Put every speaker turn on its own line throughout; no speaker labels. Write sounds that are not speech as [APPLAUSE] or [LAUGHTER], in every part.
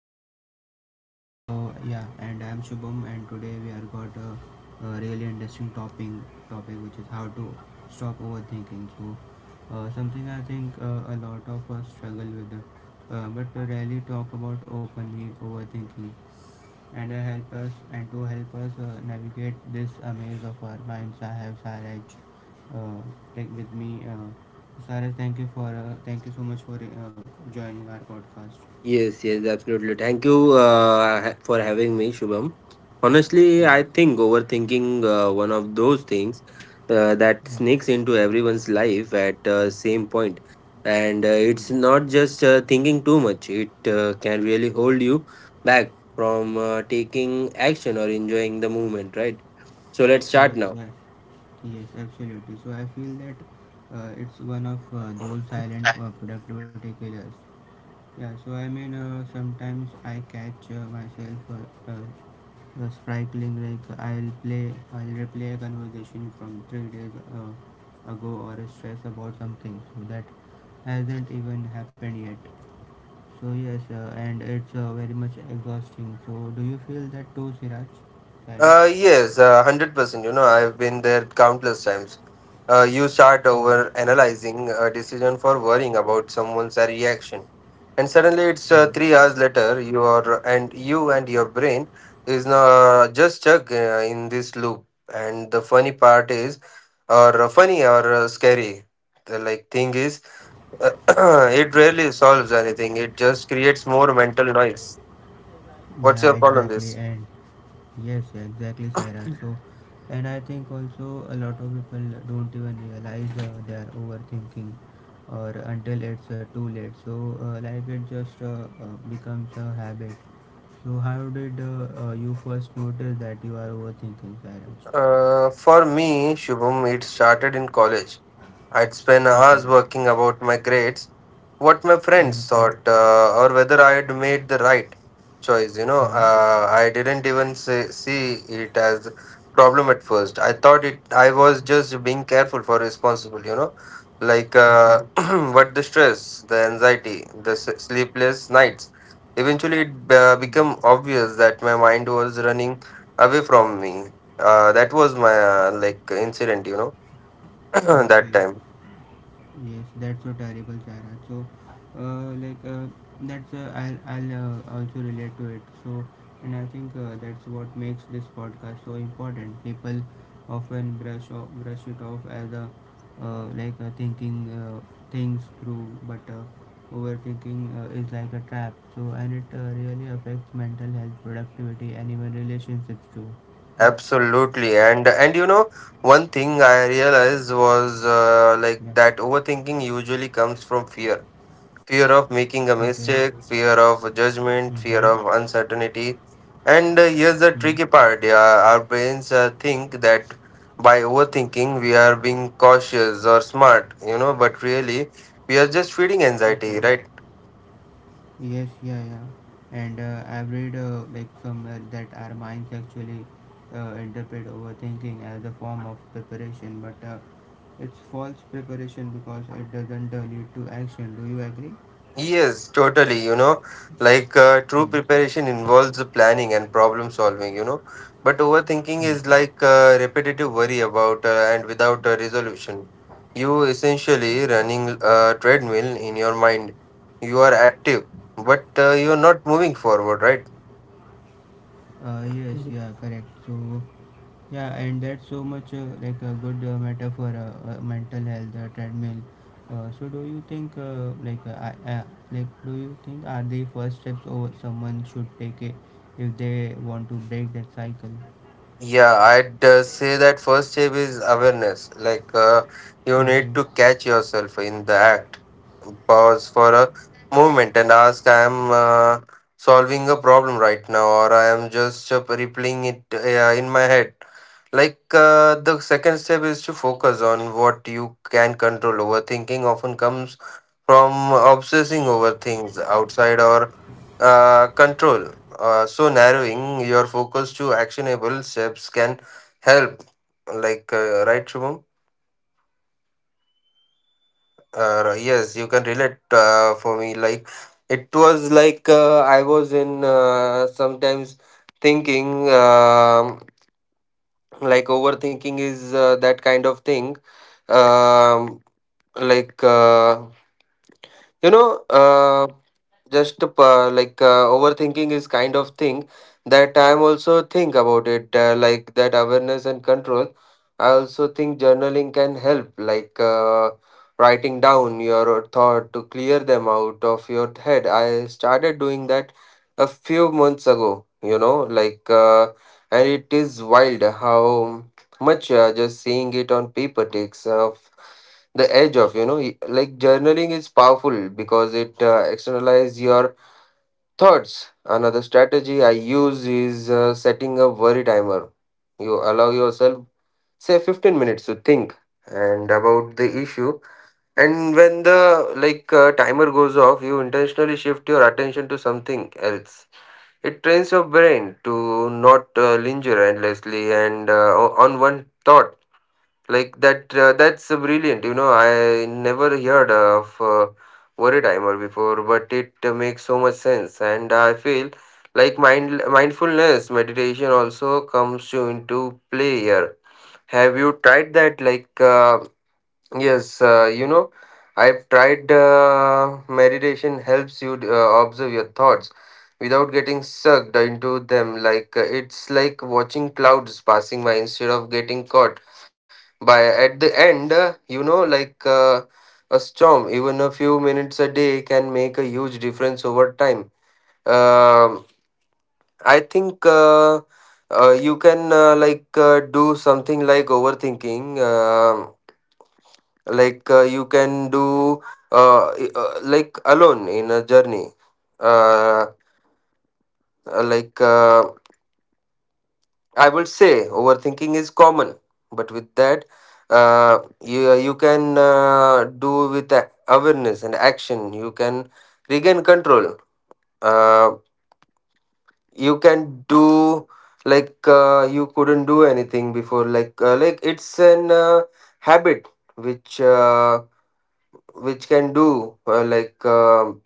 podcast. So yeah, and I'm Shubham, and today we are got a really interesting topic which is how to stop overthinking. So something I think a lot of us struggle with, but rarely talk about openly overthinking and help us and to help us navigate this maze of our minds. I have Saraj uh, take with me. Saraj, thank you so much for joining our podcast.
Yes, yes, absolutely. Thank you for having me, Shubham. Honestly, I
Yes.
think overthinking one of those things that
Yeah.
sneaks into everyone's life at same point, and it's
Mm.
not just thinking too much. It can really hold you back from taking action or enjoying the moment, right? So let's start
Yes,
now.
yes, absolutely. So I feel that it's one of those silent productivity killers. Yeah, so I mean, sometimes I catch myself the sprinkling like I'll replay a conversation from 3 days ago or stress about something so that hasn't even happened yet. So yes, and it's very much exhausting. So do you feel that too, Siraj? Siraj?
Yes, 100%. You know, I've been there countless times. You start over analyzing a decision for worrying about someone's reaction. And suddenly it's
Yeah.
3 hours later, you and your brain is now just stuck in this loop. And the funny part is, or funny or scary, the thing is, uh, [CLEARS THROAT] it rarely solves anything. It just creates more mental noise.
Yeah,
What's your call on
exactly.
this?
And yes, exactly, Sairaj. So, and I think also a lot of people don't even realize they are overthinking, or until it's too late. So, like it just becomes a habit. So, how did you first notice that you are overthinking, Sairaj?
For me, Shubham, it started in college. I'd spend
Okay.
hours working about my grades, what my
Mm.
friends
Okay.
thought, or whether I had made the right choice. You know,
Mm.
I didn't even see it as a problem at first. I thought it. I was just being careful for responsible. You know, like
Okay.
uh, [CLEARS THROAT] what the stress, the anxiety, the sleepless nights. Eventually, it
Hmm.
became
Okay. Yes.
obvious that my mind was running away from me. That was my incident. You know, [CLEARS THROAT]
Okay.
that time.
Yes, that's so terrible, Sarah. So, like that's I'll also relate to it. So, and I think that's what makes this podcast so important. People often brush it off as a like a thinking things through, but overthinking is like a trap. So, and it really affects mental health, productivity, and even relationships too. Yes.
Absolutely, and you know one thing I realized was
Yeah.
that overthinking usually comes from fear, fear of making a
Okay.
mistake, Mhm, fear of judgment,
Mhm.
fear of uncertainty, and here's the
Mm.
tricky part: yeah, our brains think that by overthinking we are being cautious or smart, you know, but really we are just feeding
Okay.
anxiety, right?
Yes, yeah, yeah. And I've read like somewhere that our minds actually interpret overthinking as a form of preparation, but it's false preparation because it doesn't lead to action. Do you agree? Yeah.
Yes, totally. You know, true
Yes.
preparation involves the planning and problem solving, you know, but overthinking
Yes.
is repetitive worry about and without a resolution. You essentially running a treadmill in your mind. You are active, but you are not moving forward, right?
Yes. Yeah. Correct. So, yeah, and that's so much like a good metaphor, mental health treadmill. So, do you think like I- like do you think are the first steps or someone should take it if they want to break that cycle?
Yeah, I'd say that first step is awareness. You
Okay.
need to catch yourself in the act, pause for a moment, and ask, "I am solving a problem right now, or I am just replaying it in my head." The second step is to focus on what you can control. Overthinking often comes from obsessing over things outside or control, so narrowing your focus to actionable steps can help, right, Shubham? Yes, you can relate. For me like it was like I was in, sometimes thinking, overthinking is that kind of thing. Um, like you know just like Overthinking is kind of thing that I'm also think about it. That awareness and control, I also think journaling can help, writing down your thought to clear them out of your head. I started doing that a few months ago, you know, like uh, and it is wild how much just seeing it on paper takes off the edge of, you know. Like, journaling is powerful because it externalize your thoughts. Another strategy I use is setting a worry timer. You allow yourself, say, 15 minutes to think and about the issue, and when the, timer goes off, you intentionally shift your attention to something else. It trains your brain to not linger endlessly on one thought like that. That's brilliant. You know, I never heard of worry timer before, but it makes so much sense. And I feel like mindfulness meditation also comes to into play here. Have you tried that? Yes, you know, I've tried meditation helps you observe your thoughts without getting sucked into them. It's like watching clouds passing by instead of getting caught by at the end, you know, a storm. Even a few minutes a day can make a huge difference over time. Um I think You can, do something like overthinking. You can do, alone in a journey. uh, uh, like uh, I would say overthinking is common, but with that, you can do with awareness and action. You can regain control. Uh, you can do you couldn't do anything before. It's an habit which, can do,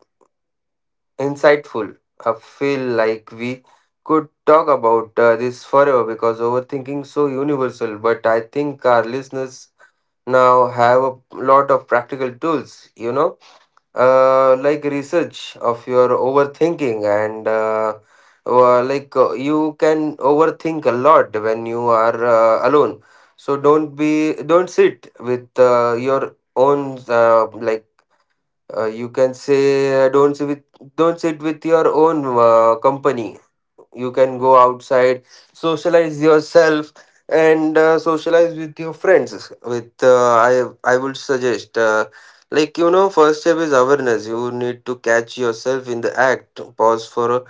insightful. I feel like we could talk about this forever because overthinking is so universal. But I think our listeners now have a lot of practical tools. You know, research of your overthinking and. Like You can overthink a lot when you are alone, so don't sit with your own, you can say, don't sit with your own company. You can go outside, socialize yourself, and socialize with your friends. With I would suggest, you know, first step is awareness. You need to catch yourself in the act, pause for a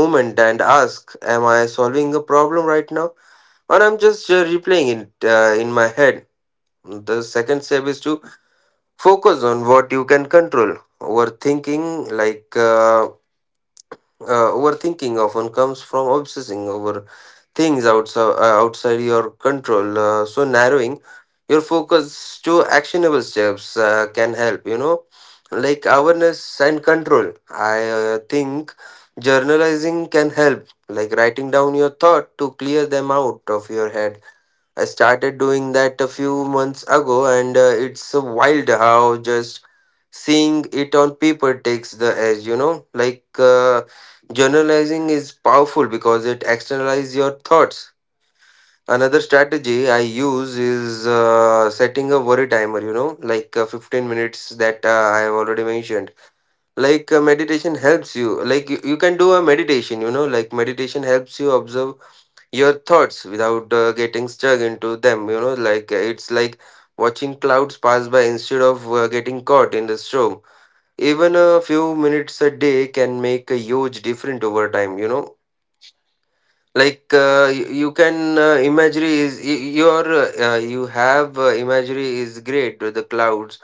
moment, and ask, am I solving a problem right now, or I'm just replaying it in my head. The second step is to focus on what you can control. overthinking like uh, Overthinking often comes from obsessing over things outside your control, so narrowing your focus to actionable steps can help, you know, like awareness and control. I think journalizing can help, like writing down your thought to clear them out of your head. I started doing that a few months ago, and it's wild how just seeing it on paper takes the edge, you know? Journalizing is powerful because it externalizes your thoughts. Another strategy I use is setting a worry timer, you know, 15 minutes that I have already mentioned. Meditation helps you, you can do a meditation, you know, like, meditation helps you observe your thoughts without getting stuck into them, you know. It's like watching clouds pass by instead of getting caught in the storm. Even a few minutes a day can make a huge difference over time, you know. You can, imagery is you have imagery is great with the clouds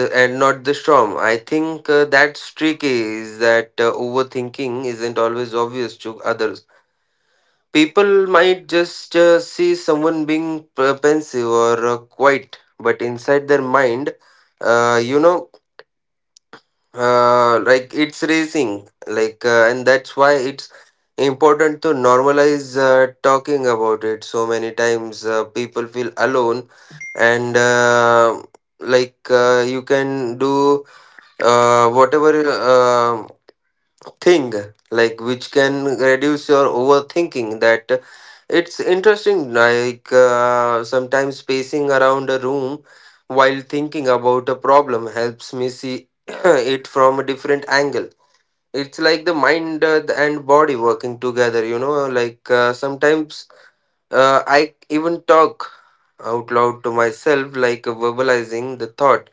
the and not the storm. I think that's tricky is that overthinking isn't always obvious to others. People might just see someone being pensive or quiet, but inside their mind, you know, it's racing. And that's why it's important to normalize talking about it. So many times people feel alone, and you can do whatever thing, like, which can reduce your overthinking. That It's interesting, sometimes pacing around a room while thinking about a problem helps me see [CLEARS THROAT] it from a different angle. It's like the mind and body working together, you know, sometimes I even talk out loud to myself, verbalizing the thought.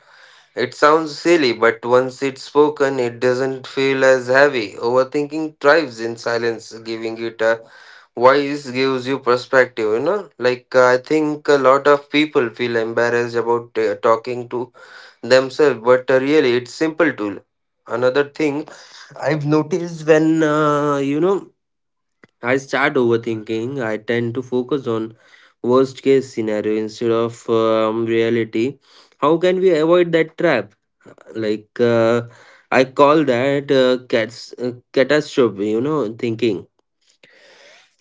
It sounds silly, but once it's spoken, it doesn't feel as heavy. Overthinking thrives in silence; giving it a voice gives you perspective, you know? I think a lot of people feel embarrassed about talking to themselves, but really, it's simple tool. Another thing I've noticed, when, you know, I start overthinking, I tend to focus on worst case scenario instead of reality. How can we avoid that trap? like uh, I call that cats catastrophe, you know, thinking.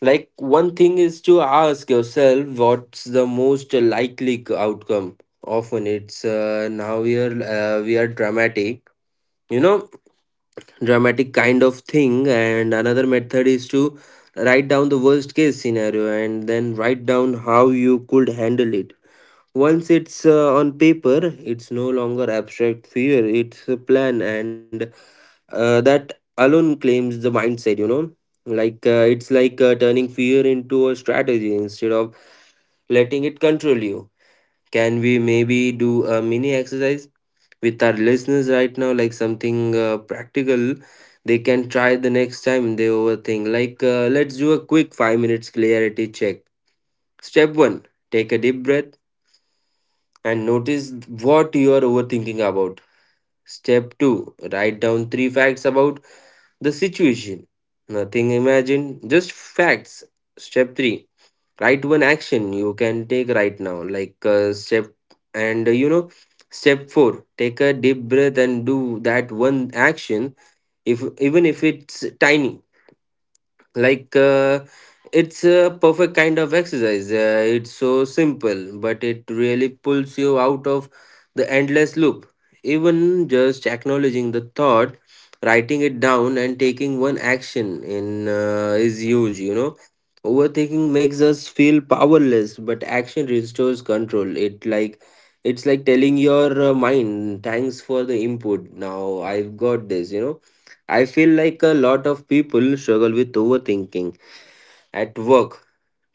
Like one thing is to ask yourself what's the most likely outcome. Often it's now we are, we are dramatic, you know, dramatic kind of thing. And another method is to write down the worst case scenario and then write down how you could handle it. Once it's on paper, it's no longer abstract fear, it's a plan, and that alone claims the mindset, you know. It's turning fear into a strategy instead of letting it control you. Can we maybe do a mini exercise with our listeners right now, like something practical they can try the next time they overthink? Let's do a quick 5 minutes clarity check. Step one, take a deep breath and notice what you are overthinking about. Step 2, write down three facts about the situation. Nothing imagined, just facts. Step 3, write one action you can take right now, like step and you know. Step 4: Take a deep breath and do that one action, if even if it's tiny, like uh, it's a perfect kind of exercise. It's so simple, but it really pulls you out of the endless loop. Even just acknowledging the thought, writing it down, and taking one action in is huge, you know. Overthinking makes us feel powerless, but action restores control. It's like telling your mind, "Thanks for the input, now I've got this. I feel like a lot of people struggle with overthinking at work,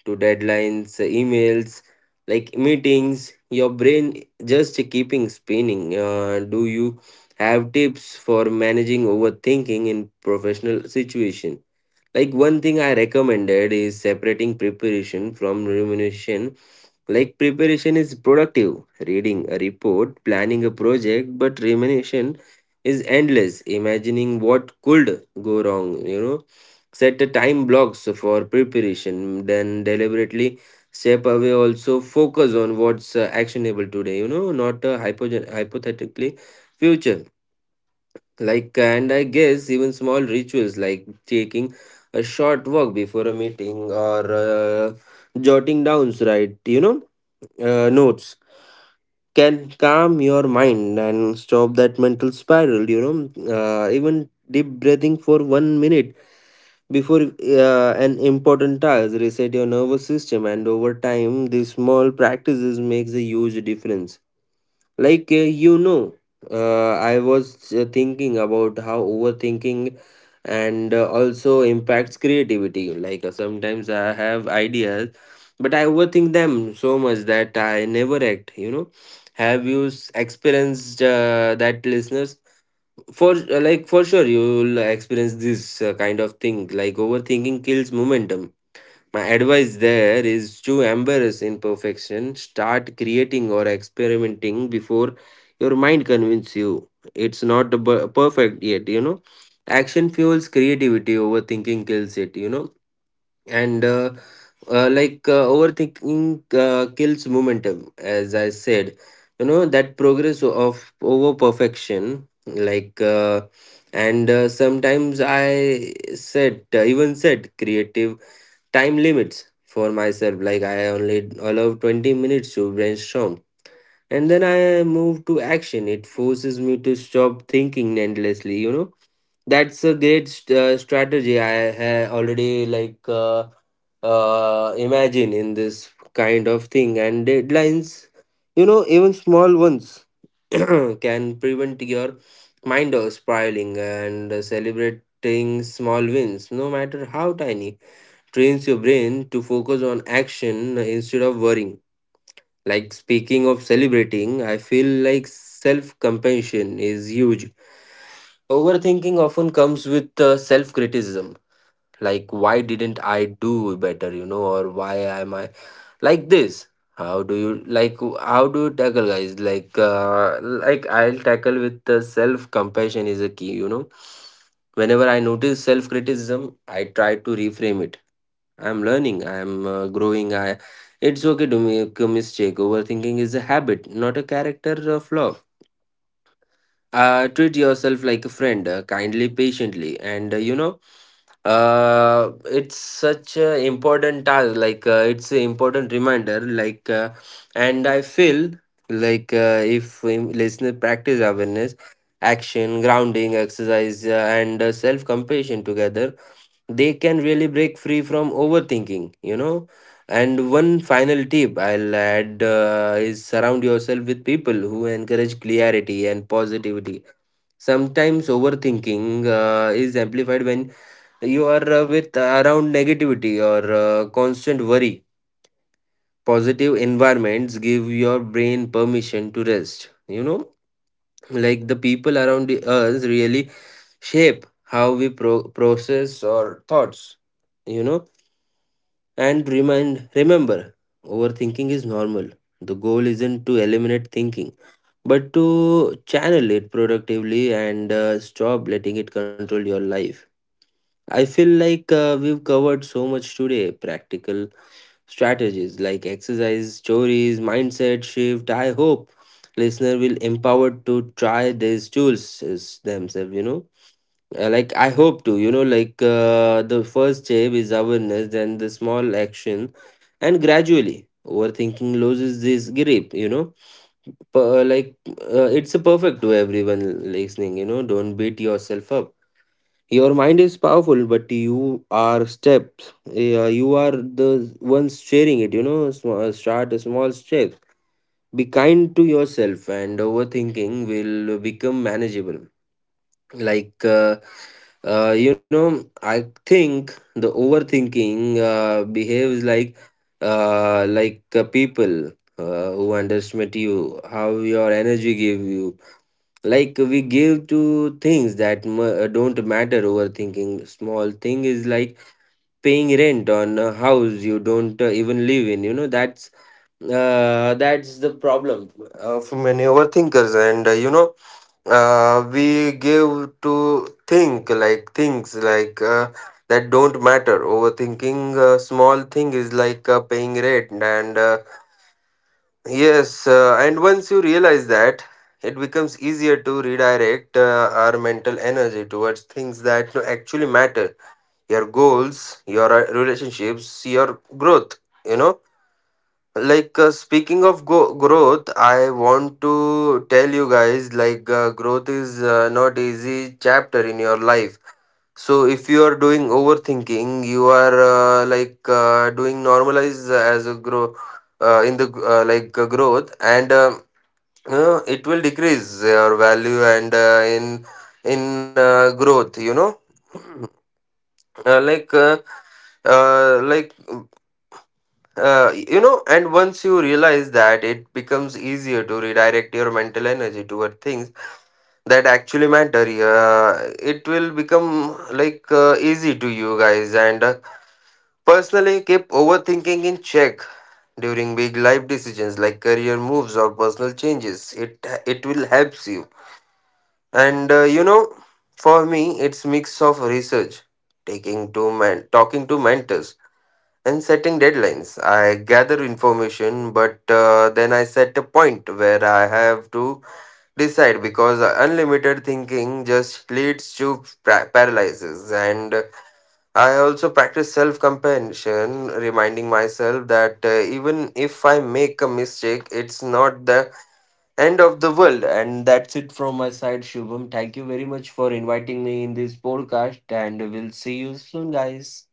to deadlines, emails, like meetings. Your brain just keeping spinning. Do you have tips for managing overthinking in professional situation? Like, one thing I recommended is separating preparation from remuneration. Like, preparation is productive, reading a report, planning a project, but remuneration is endless, imagining what could go wrong, you know. Set a time blocks for preparation, then deliberately step away. Also, focus on what's actionable today, you know, not hypothetically future. Like, and I guess even small rituals like taking a short walk before a meeting or jotting down, right, you know, notes can calm your mind and stop that mental spiral, you know. Even deep breathing for 1 minute before an important task reset your nervous system, and over time, these small practices makes a huge difference. Like, uh, you know, I was thinking about how overthinking and also impacts creativity. Sometimes I have ideas, but I overthink them so much that I never act, you know. Have you experienced that, listeners? For sure, you'll experience this kind of thing. Like, overthinking kills momentum. My advice there is to embrace imperfection, start creating or experimenting before your mind convinces you it's not perfect yet, you know. Action fuels creativity, overthinking kills it, you know. And like Overthinking kills momentum, as I said, you know, that progress of over perfection, like. And Sometimes I said even said creative time limits for myself, like I only allow 20 minutes to brainstorm, and then I move to action. It forces me to stop thinking endlessly, you know. That's a great strategy. I have already imagine in this kind of thing, and deadlines, you know, even small ones [CLEARS THROAT] can prevent your mind of spiraling, and celebrating small wins, no matter how tiny, trains your brain to focus on action instead of worrying. Like, speaking of celebrating, I feel like self compassion is huge. Overthinking often comes with self criticism. Like, why didn't I do better, you know, or why am I like this? How do you tackle, guys? Like, I'll tackle with the self compassion is a key, you know. Whenever I notice self criticism, I try to reframe it: I'm learning, I'm growing. I It's okay to make a mistake. Overthinking is a habit, not a character flaw. Treat yourself like a friend, kindly, patiently, and it's such a important task. It's an important reminder. And I feel if listener practice awareness, action, grounding, exercise, and self compassion together, they can really break free from overthinking, you know. And one final tip I'll add is surround yourself with people who encourage clarity and positivity. Sometimes overthinking is amplified when you are with around negativity or constant worry. Positive environments give your brain permission to rest, you know, like the people around us really shape how we process our thoughts, you know. And remind remember, overthinking is normal. The goal isn't to eliminate thinking, but to channel it productively and stop letting it control your life. I feel like we've covered so much today: practical strategies like exercise, stories, mindset shift. I hope listener will empowered to try these tools is themselves, you know. Like, I hope to, you know, the first step is awareness, then the small action, and gradually overthinking loses this grip, you know. Per- like it's a perfect to everyone listening, you know. Don't beat yourself up. Your mind is powerful, but you are steps. Yeah, you are the ones sharing it. You know, start a small steps. Be kind to yourself, and overthinking will become manageable. Like, uh, I think the overthinking behaves like, people who underestimate you. How your energy give you, like, we give to things that don't matter. Overthinking small thing is like paying rent on a house you don't even live in, you know. That's the problem of many overthinkers. And we give to think like things that don't matter. Overthinking small thing is like paying rent and Yes, and once you realize that, it becomes easier to redirect our mental energy towards things that actually matter: your goals, your relationships, your growth. You know, speaking of growth, I want to tell you guys growth is not easy chapter in your life. So if you are doing overthinking, you are doing normalize as a grow in the like growth and. It will decrease your value and in growth, you know. [CLEARS THROAT] uh, like uh, uh, like and once you realize that, it becomes easier to redirect your mental energy toward things that actually matter. It will become easy to you guys, and personally keep overthinking in check during big life decisions like career moves or personal changes. It will help you. And You know, for me, it's mix of research, talking to mentors, and setting deadlines. I gather information, but then I set a point where I have to decide, because unlimited thinking just leads to paralysis. And I also practice self compassion, reminding myself that even if I make a mistake, it's not the end of the world. And that's it from my side, Shubham. Thank you very much for inviting me in this podcast, and we'll see you soon, guys.